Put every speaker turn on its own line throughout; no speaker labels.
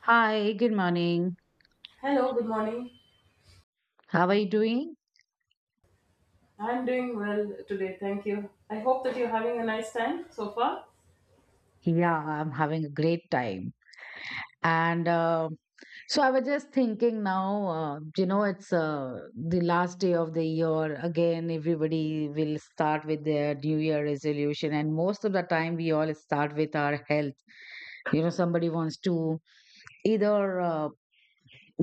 Hi, good morning.
Hello, good morning.
How are you doing?
I'm doing well today, thank you. I hope that you're having a nice time so far.
Yeah, I'm having a great time. And so I was just thinking now, you know, it's the last day of the year. Again, everybody will start with their New Year resolution. And most of the time, we all start with our health. You know, somebody wants to either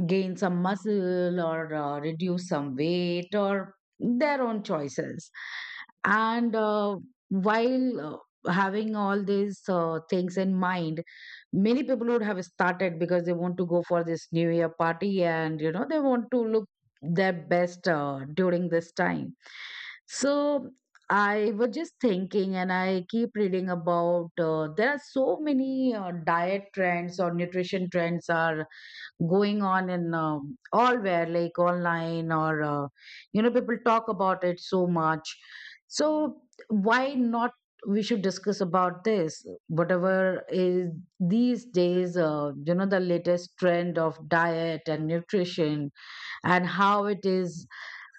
gain some muscle or reduce some weight, or their own choices. And while Having all these things in mind, many people would have started because they want to go for this New Year party, and you know they want to look their best during this time. So I was just thinking, and I keep reading about there are so many diet trends or nutrition trends are going on in all where, like online, or people talk about it so much. So why not we should discuss about this, whatever is these days the latest trend of diet and nutrition, and how it is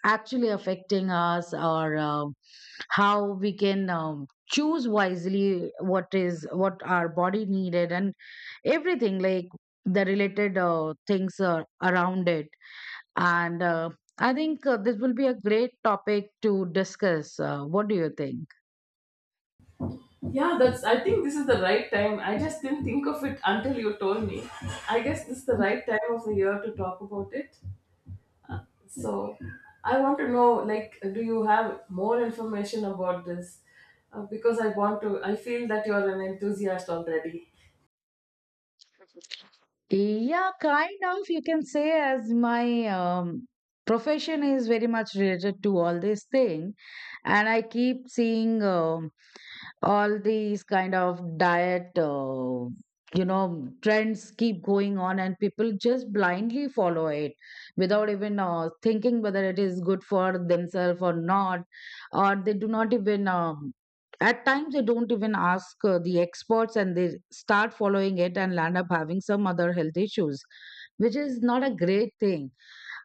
actually affecting us, or how we can choose wisely what is what our body needed, and everything like the related things around it. And uh, i think this will be a great topic to discuss. What do you think?
Yeah, that's I think this is the right time. I just didn't think of it until you told me. I guess this is the right time of the year to talk about it. So, I want to know, like, do you have more information about this? Because I want to I feel that you're an enthusiast already.
Yeah, kind of, you can say, as my profession is very much related to all this thing. And I keep seeing all these kind of diet trends keep going on, and people just blindly follow it without even thinking whether it is good for themselves or not. Or they do not even at times they don't even ask the experts, and they start following it and land up having some other health issues, which is not a great thing.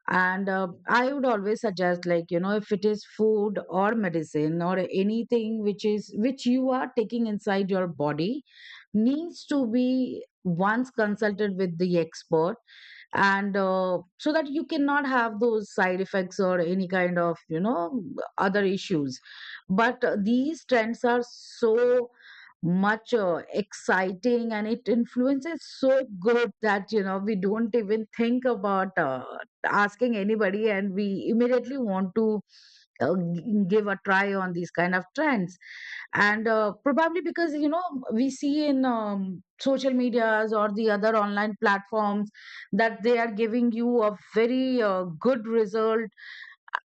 And uh, i would always suggest, like you know, if it is food or medicine or anything which is which you are taking inside your body, needs to be once consulted with the expert. And So that you cannot have those side effects or any kind of, you know, other issues. But These trends are so much exciting, and it influences so good that you know we don't even think about asking anybody, and we immediately want to give a try on these kind of trends. And Probably because, you know, we see in social medias or the other online platforms that they are giving you a very good result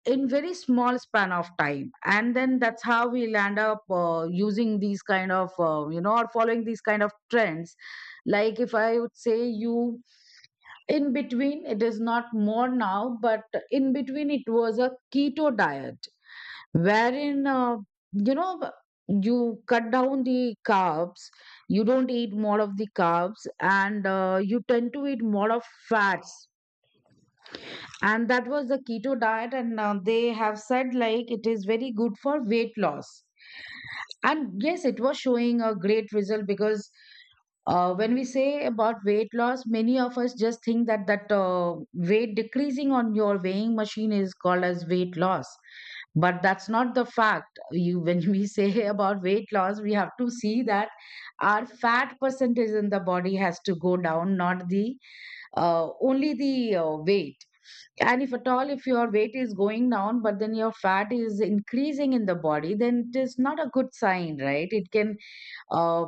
in very small span of time, and then that's how we'll end up using these kind of, or following these kind of trends. Like, if I would say you, in between it is not more now, but in between it was a keto diet, wherein you know you cut down the carbs. You don't eat more of the carbs, and you tend to eat more of fats, and that was the keto diet. And They have said like it is very good for weight loss, and yes, it was showing a great result. Because when we say about weight loss, many of us just think that weight decreasing on your weighing machine is called as weight loss, but that's not the fact. You when we say about weight loss, we have to see that our fat percentage in the body has to go down, not the only the weight. And if at all if your weight is going down but then your fat is increasing in the body, then it is not a good sign, right? It can uh,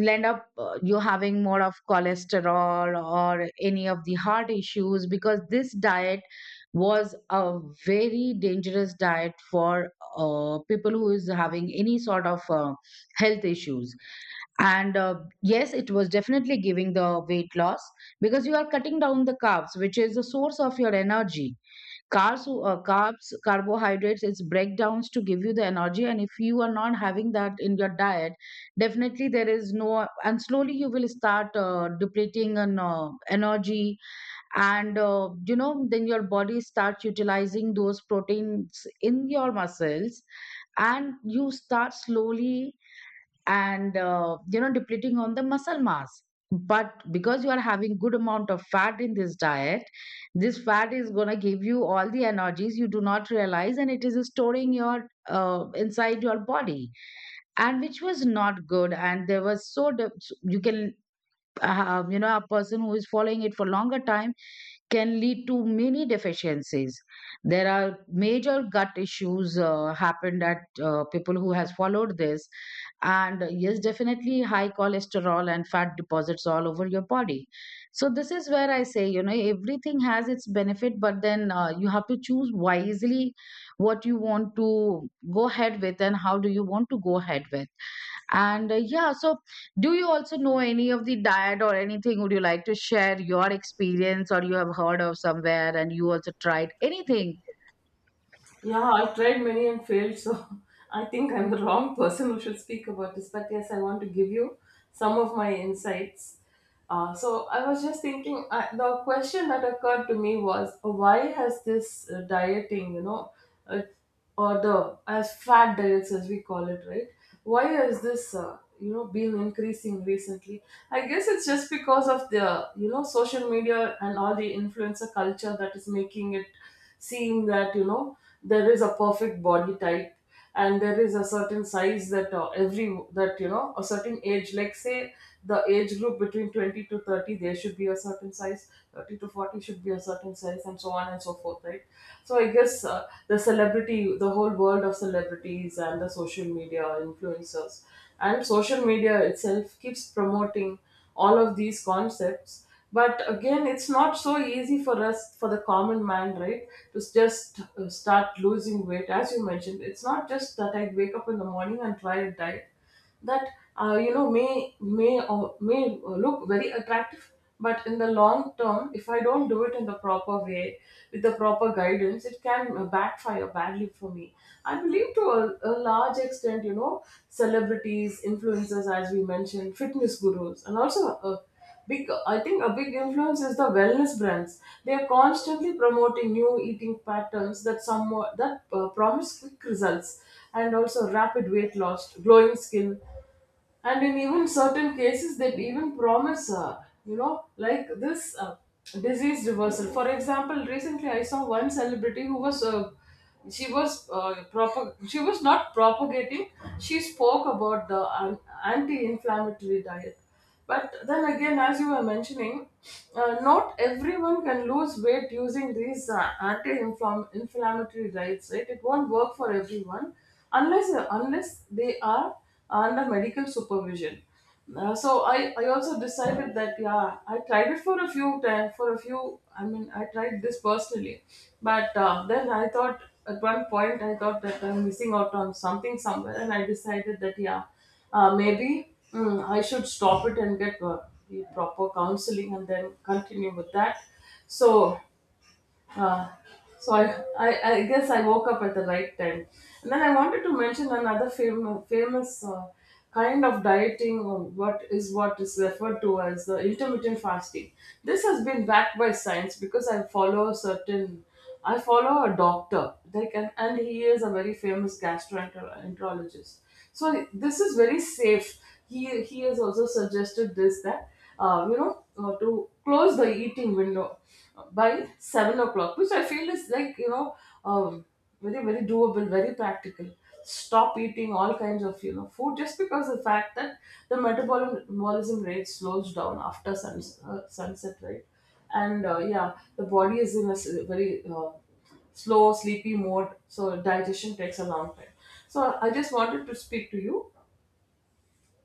end up you having more of cholesterol or any of the heart issues. Because this diet was a very dangerous diet for people who is having any sort of health issues. And Yes, it was definitely giving the weight loss, because you are cutting down the carbs, which is the source of your energy. Carbs, carbohydrates, it's breakdowns to give you the energy. And if you are not having that in your diet, definitely there is no, and slowly you will start depleting on energy. And then your body starts utilizing those proteins in your muscles, and you start slowly and depleting on the muscle mass. But because you are having good amount of fat in this diet, this fat is going to give you all the energies, you do not realize, and it is storing your inside your body. And which was not good, and there was you can a person who is following it for longer time can lead to many deficiencies. There are major gut issues happened at people who has followed this, and yes, definitely high cholesterol and fat deposits all over your body. So this is where I say, you know, everything has its benefit, but then you have to choose wisely what you want to go ahead with and how do you want to go ahead with. And Yeah, so do you also know any of the diet or anything? Would you like to share your experience, or you have heard of somewhere and you also tried anything?
Yeah, I've tried many and failed, so I think I'm the wrong person who should speak about this. But yes, I want to give you some of my insights. So I was just thinking, the question that occurred to me was, why has this dieting, uh, or the as fat diets as we call it, right? Why has this, been increasing recently? I guess it's just because of the social media and all the influencer culture that is making it seem that there is a perfect body type, and there is a certain size, that a certain age, like say, the age group between 20 to 30 there should be a certain size, 30 to 40 should be a certain size, and so on and so forth, right? So I guess, the whole world of celebrities and the social media influencers and social media itself keeps promoting all of these concepts. But again, it's not so easy for us, for the common man, right? To just start losing weight, as you mentioned. It's not just that I wake up in the morning and try a diet that may or may look very attractive, but in the long term if I don't do it in the proper way, with the proper guidance, it can backfire badly for me. I believe, to a large extent, celebrities, influencers, as we mentioned, fitness gurus, and also a big I think a big influence is the wellness brands. They are constantly promoting new eating patterns that somewhat that promise quick results, and also rapid weight loss, glowing skin, and in even certain cases they even promise, like, this disease reversal. For example, recently I saw one celebrity who was, she was, she was not propagating, she spoke about the anti-inflammatory diet. But then again, as you were mentioning, not everyone can lose weight using these anti-inflammatory diets, right? It won't work for everyone unless they are under medical supervision. So I also decided that, yeah, I tried it for a few times, for a few I mean, I tried this personally, but then I thought, at one point I thought that I'm missing out on something somewhere, and I decided that, yeah, maybe, I should stop it and get the proper counseling and then continue with that. So, uh, so I guess I woke up at the right time. And then I wanted to mention another famous kind of dieting, or what is referred to as the intermittent fasting. This has been backed by science because I follow a doctor, like, and he is a very famous gastroenterologist. So this is very safe. He has also suggested this, that to close the eating window by 7 o'clock, which I feel is, like, um, very, very doable, very practical. Stop eating all kinds of, food, just because the fact that the metabolism rate slows down after sunset, right? And yeah, the body is in a very slow sleepy mode, so digestion takes a long time. So I just wanted to speak to you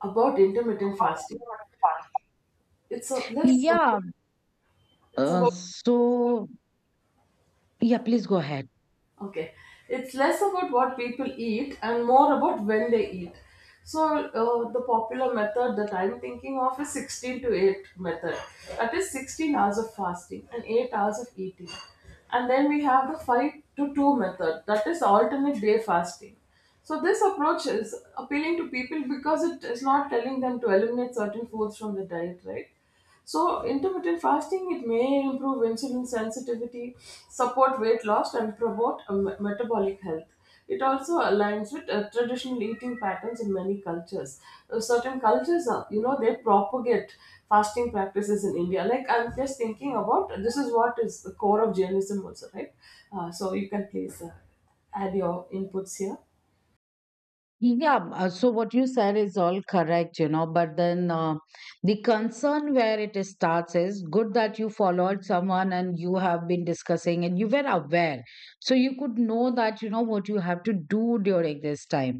about intermittent fasting. it's a less about
Yeah.
it's
Uh,
about
so yeah, please go ahead.
Okay, it's less about what people eat and more about when they eat. So, the popular method that I'm thinking of is 16 to 8 method. That is 16 hours of fasting and 8 hours of eating. And then we have the 5 to 2 method, that is alternate day fasting. So, this approach is appealing to people because it is not telling them to eliminate certain foods from the diet, right? So, intermittent fasting, it may improve insulin sensitivity, support weight loss, and promote metabolic health. It also aligns with traditional eating patterns in many cultures. Certain cultures, they propagate fasting practices in India. Like, I'm just thinking about this is what is the core of Jainism also, right? So you can, please, add your inputs here.
Yeah, so what you said is all correct, you know, but then the concern where it is starts is, good that you followed someone and you have been discussing and you were aware, so you could know that, you know, what you have to do during this time.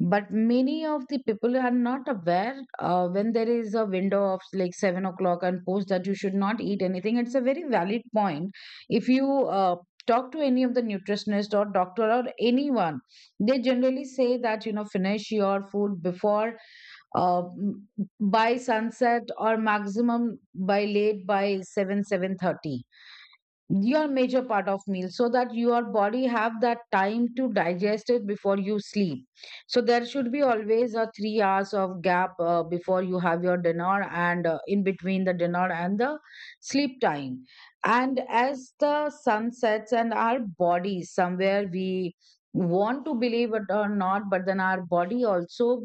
But many of the people are not aware when there is a window of like 7 o'clock and post that you should not eat anything. It's a very valid point. If you talk to any of the nutritionist or doctor or anyone, they generally say that, you know, finish your food before uh, m- by sunset, or maximum by late by 7, 7:30, your major part of meal, so that your body have that time to digest it before you sleep. So there should be always a 3 hours of gap before you have your dinner, and in between the dinner and the sleep time. And as the sun sets, and our body somewhere, we want to believe it or not, but then our body also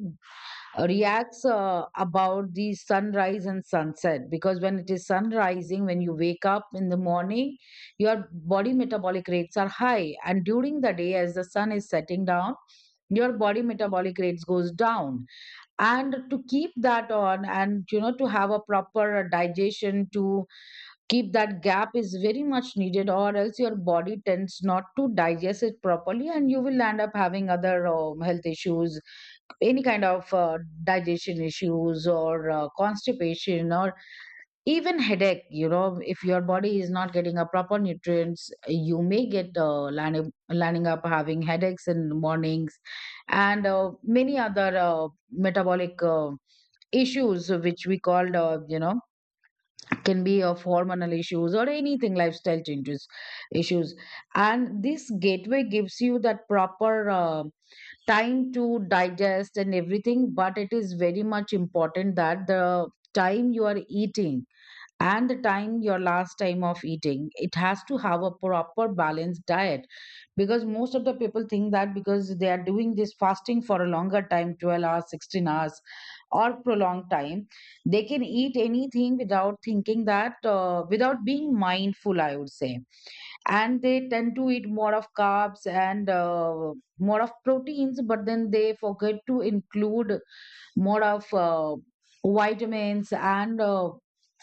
reacts about the sunrise and sunset. Because when it is sun rising, when you wake up in the morning, your body metabolic rates are high, and during the day as the sun is setting down, your body metabolic rates goes down. And to keep that on, and you know, to have a proper digestion, to keep that gap is very much needed, or else your body tends not to digest it properly, and you will end up having other health issues. Any kind of digestion issues, or constipation, or even headache, you know, if your body is not getting a proper nutrients, you may get landing up having headaches in the mornings. And Many other metabolic issues which we called, can be of hormonal issues or anything, lifestyle changes issues. And this gateway gives you that proper time to digest and everything. But it is very much important that the time you are eating and the time your last time of eating, it has to have a proper balanced diet. Because most of the people think that because they are doing this fasting for a longer time, 12 hours, 16 hours, or prolonged time, they can eat anything without thinking that without being mindful, I would say. And they tend to eat more of carbs, and more of proteins, but then they forget to include more of vitamins and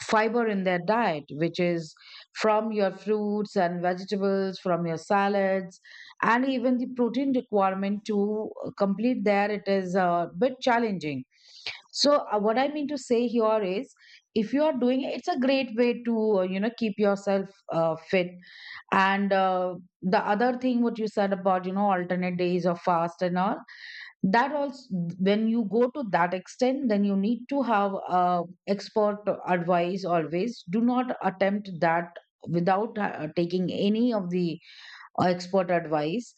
fiber in their diet, which is from your fruits and vegetables, from your salads. And even the protein requirement to complete there, it is a bit challenging. So what I mean to say here is, if you are doing it, it's a great way to keep yourself fit. And The other thing, what you said about, you know, alternate days of fast and all, that also, when you go to that extent, then you need to have expert advice. Always do not attempt that without taking any of the expert advice.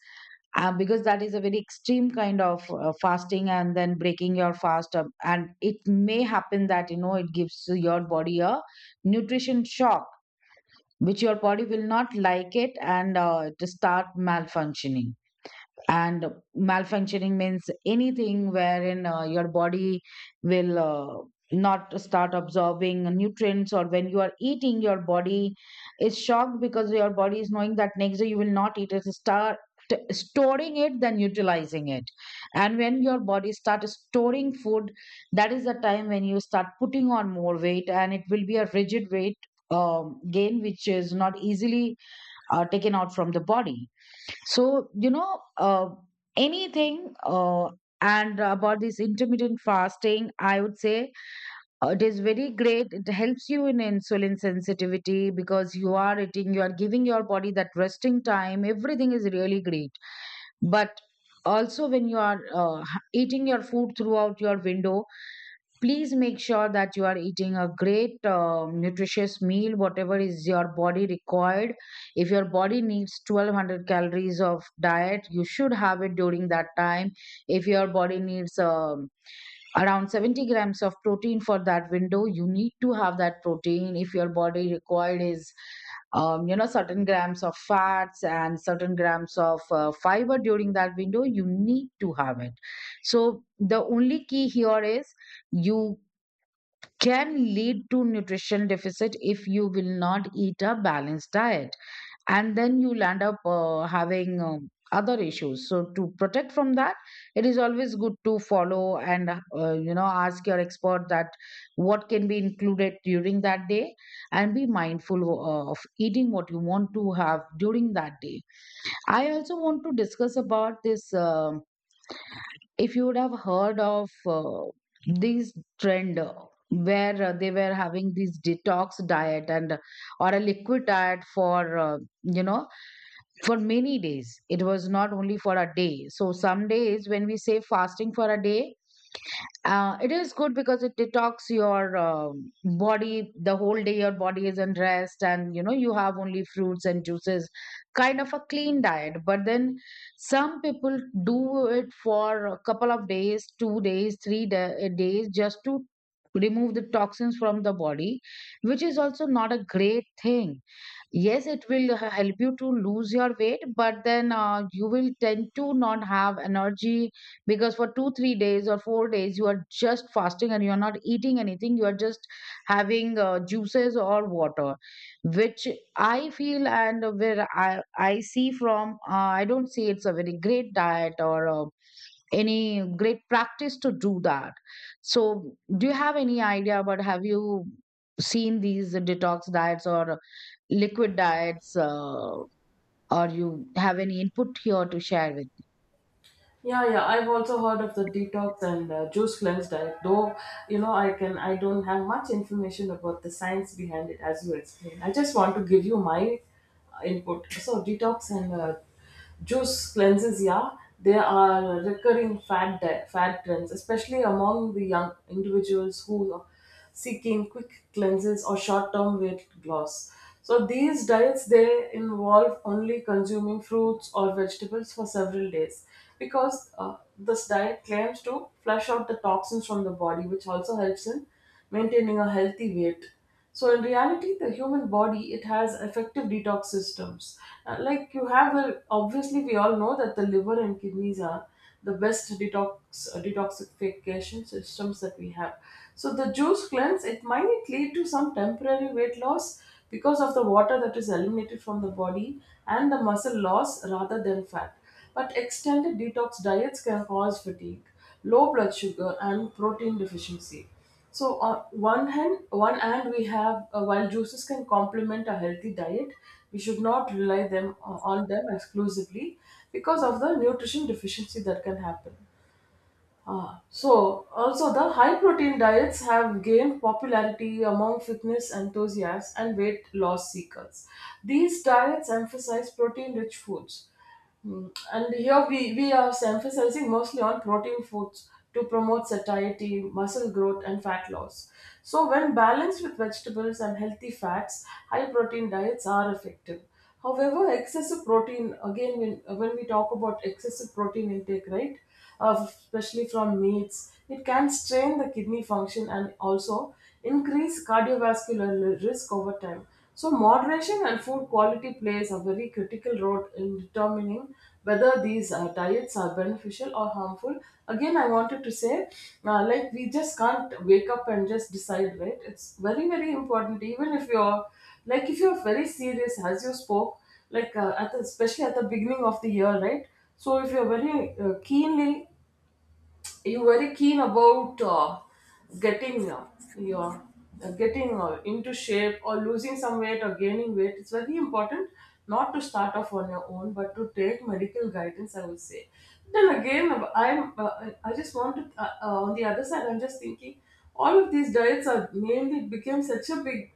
Because that is a very extreme kind of fasting, and then breaking your fast up, and it may happen that, you know, it gives your body a nutrition shock, which your body will not like it, and it start malfunctioning. And malfunctioning means anything wherein your body will not start absorbing nutrients, or when you are eating, your body is shocked because your Body is knowing that next day you will not eat it start storing it then utilizing it. And when your body start storing food, that is the time when you start putting on more weight, and it will be a rigid weight gain which is not easily taken out from the body. So, you know, uh, anything uh, and about this intermittent fasting, I would say it is very great. It helps you in insulin sensitivity because you are eating, you are giving your body that resting time. Everything is really great. But also, when you are eating your food throughout your window, please make sure that you are eating a great nutritious meal whatever is your body required. If your body needs 1200 calories of diet, you should have it during that time. If your body needs around 70 grams of protein for that window, you need to have that protein. If your body required is certain grams of fats and certain grams of fiber during that window, you need to have it. So the only key here is you can lead to nutrition deficit if you will not eat a balanced diet, and then you'll end up having other issues. So to protect from that, it is always good to follow and ask your expert that what can be included during that day and be mindful of eating what you want to have during that day. I also want to discuss about this . If you would have heard of this trend where they were having this detox diet and or a liquid diet for for many days. It was not only for a day. So some days when we say fasting for a day, it is good because it detox your body the whole day. Your body is in rest, and you know you have only fruits and juices, kind of a clean diet. But then some people do it for a couple of days, 2 days, days, just to remove the toxins from the body, which is also not a great thing. Yes, it will help you to lose your weight, but then you will tend to not have energy because for 2 3 days or 4 days you are just fasting and you are not eating anything. You are just having juices or water, which I feel and where I see from I don't see it's a very great diet or any great practice to do that. So do you have any idea about, have you seen these detox diets or liquid diets, or you have any input here to share with?
Yeah, yeah, I've also heard of the detox and juice cleanse diet. Though, I don't have much information about the science behind it, as you explained. I just want to give you my input. So, detox and juice cleanses, yeah, they are recurring fat trends, especially among the young individuals who seeking quick cleanses or short-term weight loss. So these diets, they involve only consuming fruits or vegetables for several days, because this diet claims to flush out the toxins from the body, which also helps in maintaining a healthy weight. So in reality, the human body, it has effective detox systems. Like, you have, obviously we all know that the liver and kidneys are the best detoxification systems that we have. So the juice cleanse, it might lead to some temporary weight loss because of the water that is eliminated from the body, and the muscle loss rather than fat. But extended detox diets can cause fatigue, low blood sugar, and protein deficiency. So on one hand, we have, while juices can complement a healthy diet, we should not rely them on them exclusively because of the nutrition deficiency that can happen. So, also the high protein diets have gained popularity among fitness enthusiasts and weight loss seekers. These diets emphasize protein rich foods. And here we are emphasizing mostly on protein foods to promote satiety, muscle growth, and fat loss. So, when balanced with vegetables and healthy fats, high protein diets are effective. However, excessive protein, again, when we talk about excessive protein intake, right? Especially from meats. It can strain the kidney function and also increase cardiovascular risk over time. So, moderation and food quality plays a very critical role in determining whether these diets are beneficial or harmful. Again, I wanted to say, like, we just can't wake up and just decide, right? It's very, very important, even if you're, like, if you're very serious, as you spoke, like, especially at the beginning of the year, right? So if you're very keenly you're very keen about getting uh, your getting into shape or losing some weight or gaining weight, it's very important not to start off on your own but to take medical guidance, I would say. Then again, I just want to, on the other side I'm just thinking, all of these diets are mainly became such a big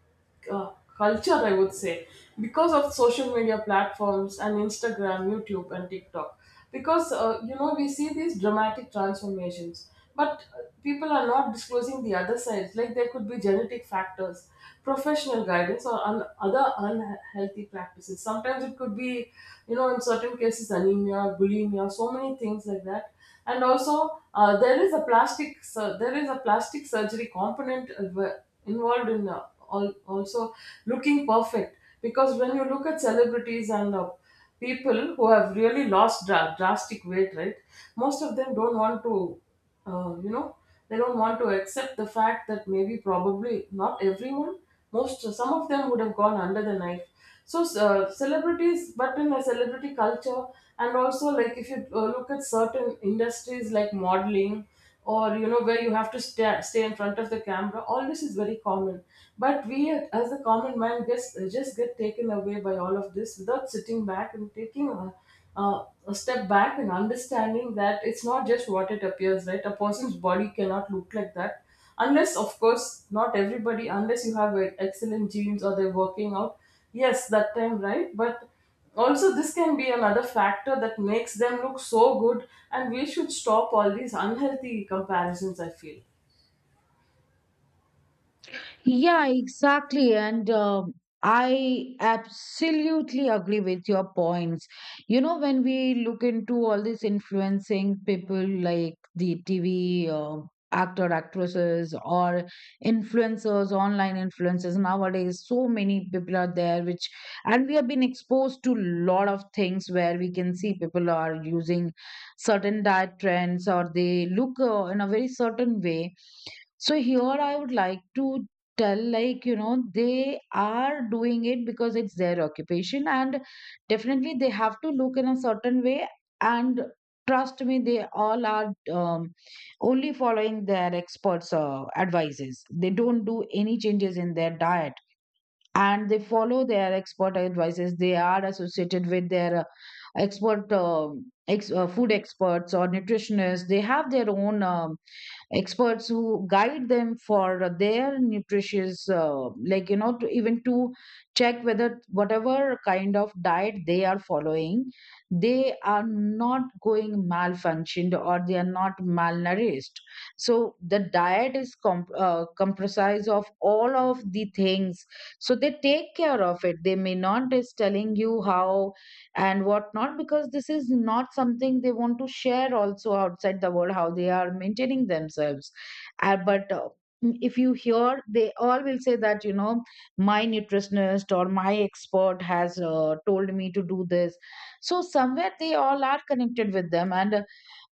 uh, culture, I would say, because of social media platforms and Instagram, YouTube, and TikTok. Because we see these dramatic transformations, but people are not disclosing the other sides. Like, there could be genetic factors, professional guidance, or other unhealthy practices. Sometimes it could be, in certain cases, anemia, bulimia, so many things like that. And also there is a plastic surgery component involved in, also, looking perfect, because when you look at celebrities and people who have really lost drastic weight, right? Most of them don't want to, uh, you know they don't want to accept the fact that, maybe probably not everyone, most some of them would have gone under the knife. So, celebrities but in a celebrity culture, and also, like, if you look at certain industries like modeling, or you know where you have to stay in front of the camera, all this is very common. But we, as a common man, just get taken away by all of this without sitting back and taking a step back and understanding that it's not just what it appears, right? A person's body cannot look like that, unless, of course, not everybody, unless you have excellent genes, or they're working out, yes, that time, right? But also, this can be another factor that makes them look so good, and we should stop all these unhealthy comparisons, I feel.
Yeah, exactly. And I absolutely agree with your points. You know, when we look into all these influencing people like the TV actor, actresses, or influencers, online influencers, nowadays, so many people are there, which, and we have been exposed to lot of things where we can see people are using certain diet trends or they look in a very certain way. So here I would like to tell, like, you know, they are doing it because it's their occupation, and definitely they have to look in a certain way. And trust me, they all are um, only following their experts advices. They don't do any changes in their diet, and they follow their expert advices. They are associated with their expert um food experts or nutritionists. They have their own experts who guide them for their nutritious, to even to check whether whatever kind of diet they are following, they are not going malfunctioned or they are not malnourished. So the diet is comprised of all of the things. So they take care of it. They may not is telling you how and whatnot, because this is not something they want to share also outside the world, how they are maintaining themselves. But if you hear, they all will say that, you know, my nutritionist or my expert has told me to do this. So somewhere they all are connected with them, and uh,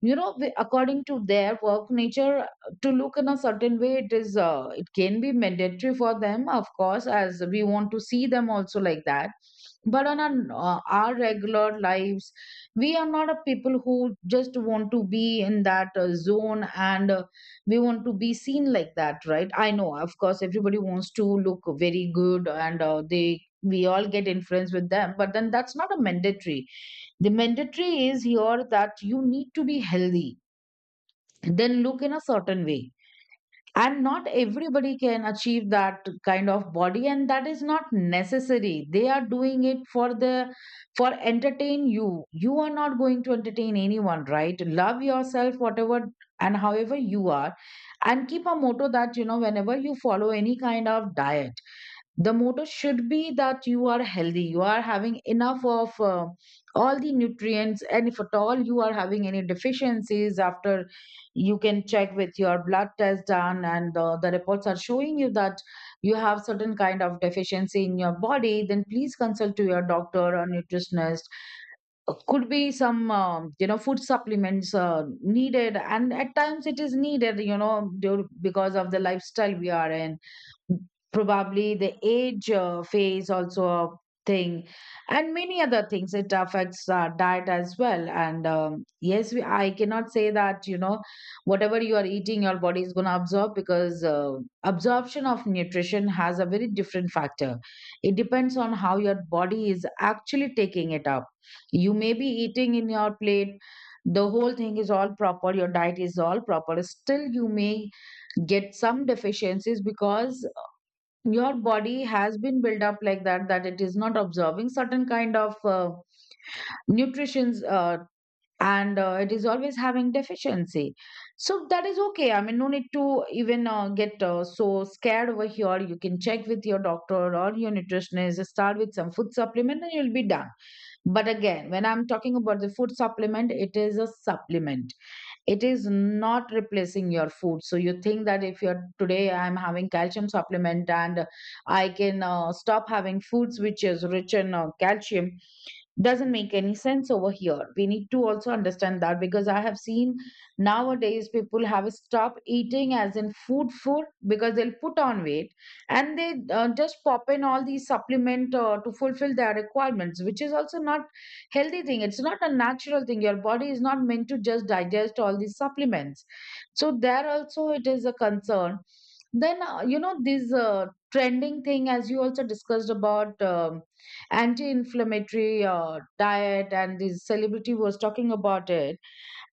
you know the, according to their work nature, to look in a certain way, it is it can be mandatory for them, of course, as we want to see them also like that. But on our regular lives, we are not a people who just want to be in that zone, and we want to be seen like that, right? I know, of course, everybody wants to look very good, and they we all get influenced with them, but then that's not a mandatory. The mandatory is here that you need to be healthy, then look in a certain way. And not everybody can achieve that kind of body, and that is not necessary. They are doing it for the, for entertain you. You are not going to entertain anyone, right? Love yourself, whatever and however you are, and keep a motto that, you know, whenever you follow any kind of diet, the motto should be that you are healthy, you are having enough of all the nutrients. And if at all you are having any deficiencies, after you can check with your blood test done, and the reports are showing you that you have certain kind of deficiency in your body, then please consult to your doctor or nutritionist. Could be some food supplements needed, and at times it is needed, you know, due, because of the lifestyle we are in, probably the age phase also a thing, and many other things. It affects our diet as well. And I cannot say that, you know, whatever you are eating your body is going to absorb, because absorption of nutrition has a very different factor. It depends on how your body is actually taking it up. You may be eating in your plate, the whole thing is all proper, your diet is all proper, still you may get some deficiencies because your body has been built up like that, that it is not absorbing certain kind of nutritions, and it is always having deficiency. So that is okay, I mean, no need to even get so scared over here. You can check with your doctor or your nutritionist, start with some food supplement, and you'll be done. But again, when I'm talking about the food supplement, it is a supplement. It is not replacing your food. So you think that if you're, today I'm having calcium supplement, and I can stop having foods which is rich in calcium, doesn't make any sense over here. We need to also understand that, because I have seen nowadays people have stopped eating as in food food because they'll put on weight, and they just pop in all these supplement to fulfill their requirements, which is also not healthy thing. It's not a natural thing. Your body is not meant to just digest all these supplements. So there also it is a concern. Then this trending thing as you also discussed about anti-inflammatory diet, and this celebrity was talking about it.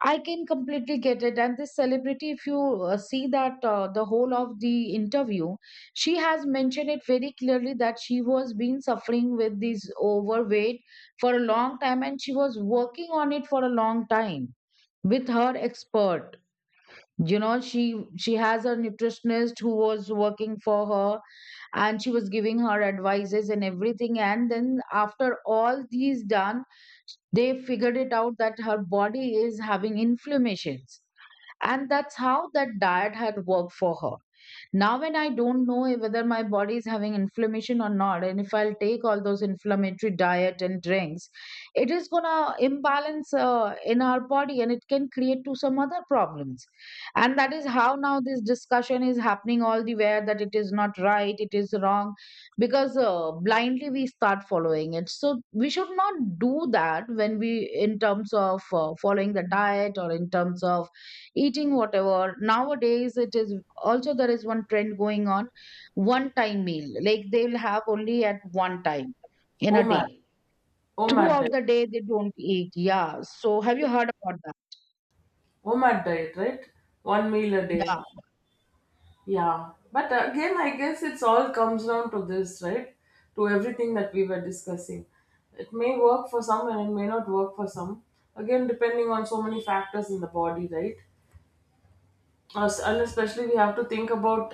I can completely get it. And this celebrity, if you see that the whole of the interview, she has mentioned it very clearly that she was been suffering with this overweight for a long time, and she was working on it for a long time with her expert. You know, she has a nutritionist who was working for her, and she was giving her advices and everything. And then after all these done, they figured it out that her body is having inflammations, and that's how that diet had worked for her. Now, when I don't know if whether my body is having inflammation or not, and if I'll take all those inflammatory diet and drinks, it is gonna imbalance in our body, and it can create to some other problems. And that is how now this discussion is happening all the way, that it is not right, it is wrong, because blindly we start following it. So we should not do that when we, in terms of following the diet or in terms of eating whatever. Nowadays, it is also, there is one trend going on, one time meal, like they'll have only at one time in a
OMAD,
day,
OMAD
throughout
diet,
the day they don't eat, yeah, so have you heard about
OMAD diet, right? One meal a
that?
day.
Yeah,
Yeah, but again, I guess it's all comes down to this, right? To everything that we were discussing. It may work for some and it may not work for some. Again, depending on so many factors in the body, right? And especially, we have to think about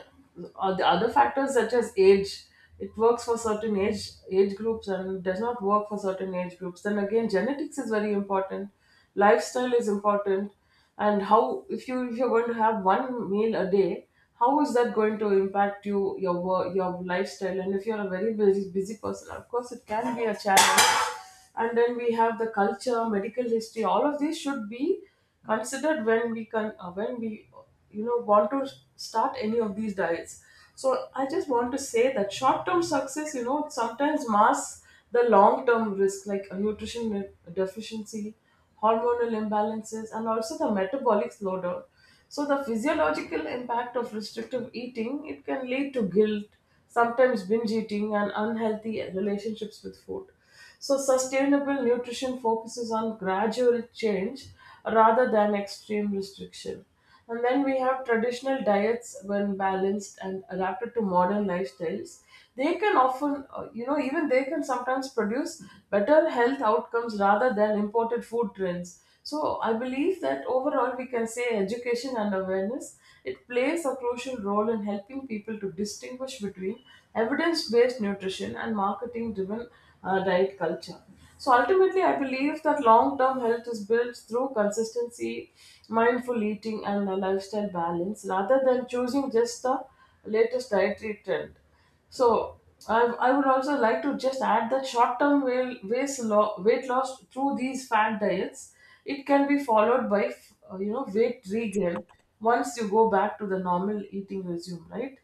the other factors, such as age. It works for certain age groups and does not work for certain age groups. Then again, genetics is very important, lifestyle is important. And how, if you're going to have one meal a day, how is that going to impact you, your work, your lifestyle? And if you're a very busy, busy person, of course it can be a challenge. And then we have the culture, medical history. All of these should be considered when we can when we you know want to start any of these diets. So I just want to say that short term success, sometimes masks the long term risk, like a nutrition deficiency, hormonal imbalances, and also the metabolic slowdown. So the physiological impact of restrictive eating, it can lead to guilt, sometimes binge eating, and unhealthy relationships with food. So sustainable nutrition focuses on gradual change rather than extreme restriction. And then we have traditional diets, when balanced and adapted to modern lifestyles, they can often, even they can sometimes produce better health outcomes rather than imported food trends. So I believe that overall we can say, education and awareness, it plays a crucial role in helping people to distinguish between evidence-based nutrition and marketing-driven diet culture. So ultimately, I believe that long term health is built through consistency, mindful eating, and a lifestyle balance rather than choosing just the latest dietary trend. So I would also like to just add that short term weight loss through these fat diets, it can be followed by weight regain once you go back to the normal eating regime, right?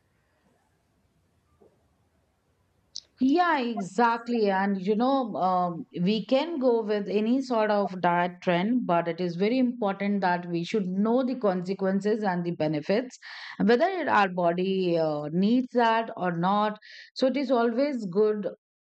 yeah, exactly. And you know, we can go with any sort of diet trend, but it is very important that we should know the consequences and the benefits, whether it, our body needs that or not. So it is always good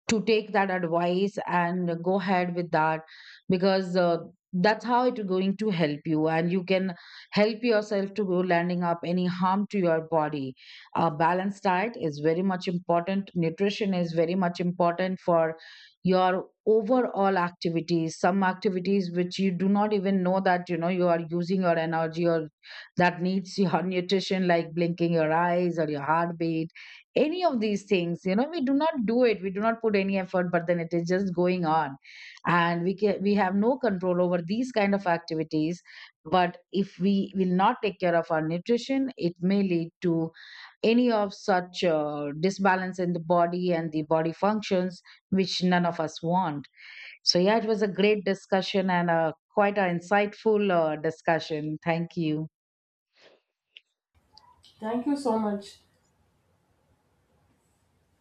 to take that advice and go ahead with that, because that's how it's going to help you, and you can help yourself to go landing up any harm to your body. A balanced diet is very much important, nutrition is very much important for your overall activities. Some activities which you do not even know, that you know you are using your energy or that needs your nutrition, like blinking your eyes or your heartbeat, any of these things, you know, we do not do it, we do not put any effort, but then it is just going on, and we have no control over these kind of activities. But if we will not take care of our nutrition, it may lead to any of such disbalance in the body and the body functions, which none of us want. So yeah, it was a great discussion and a quite an insightful discussion. Thank you.
Thank you so much.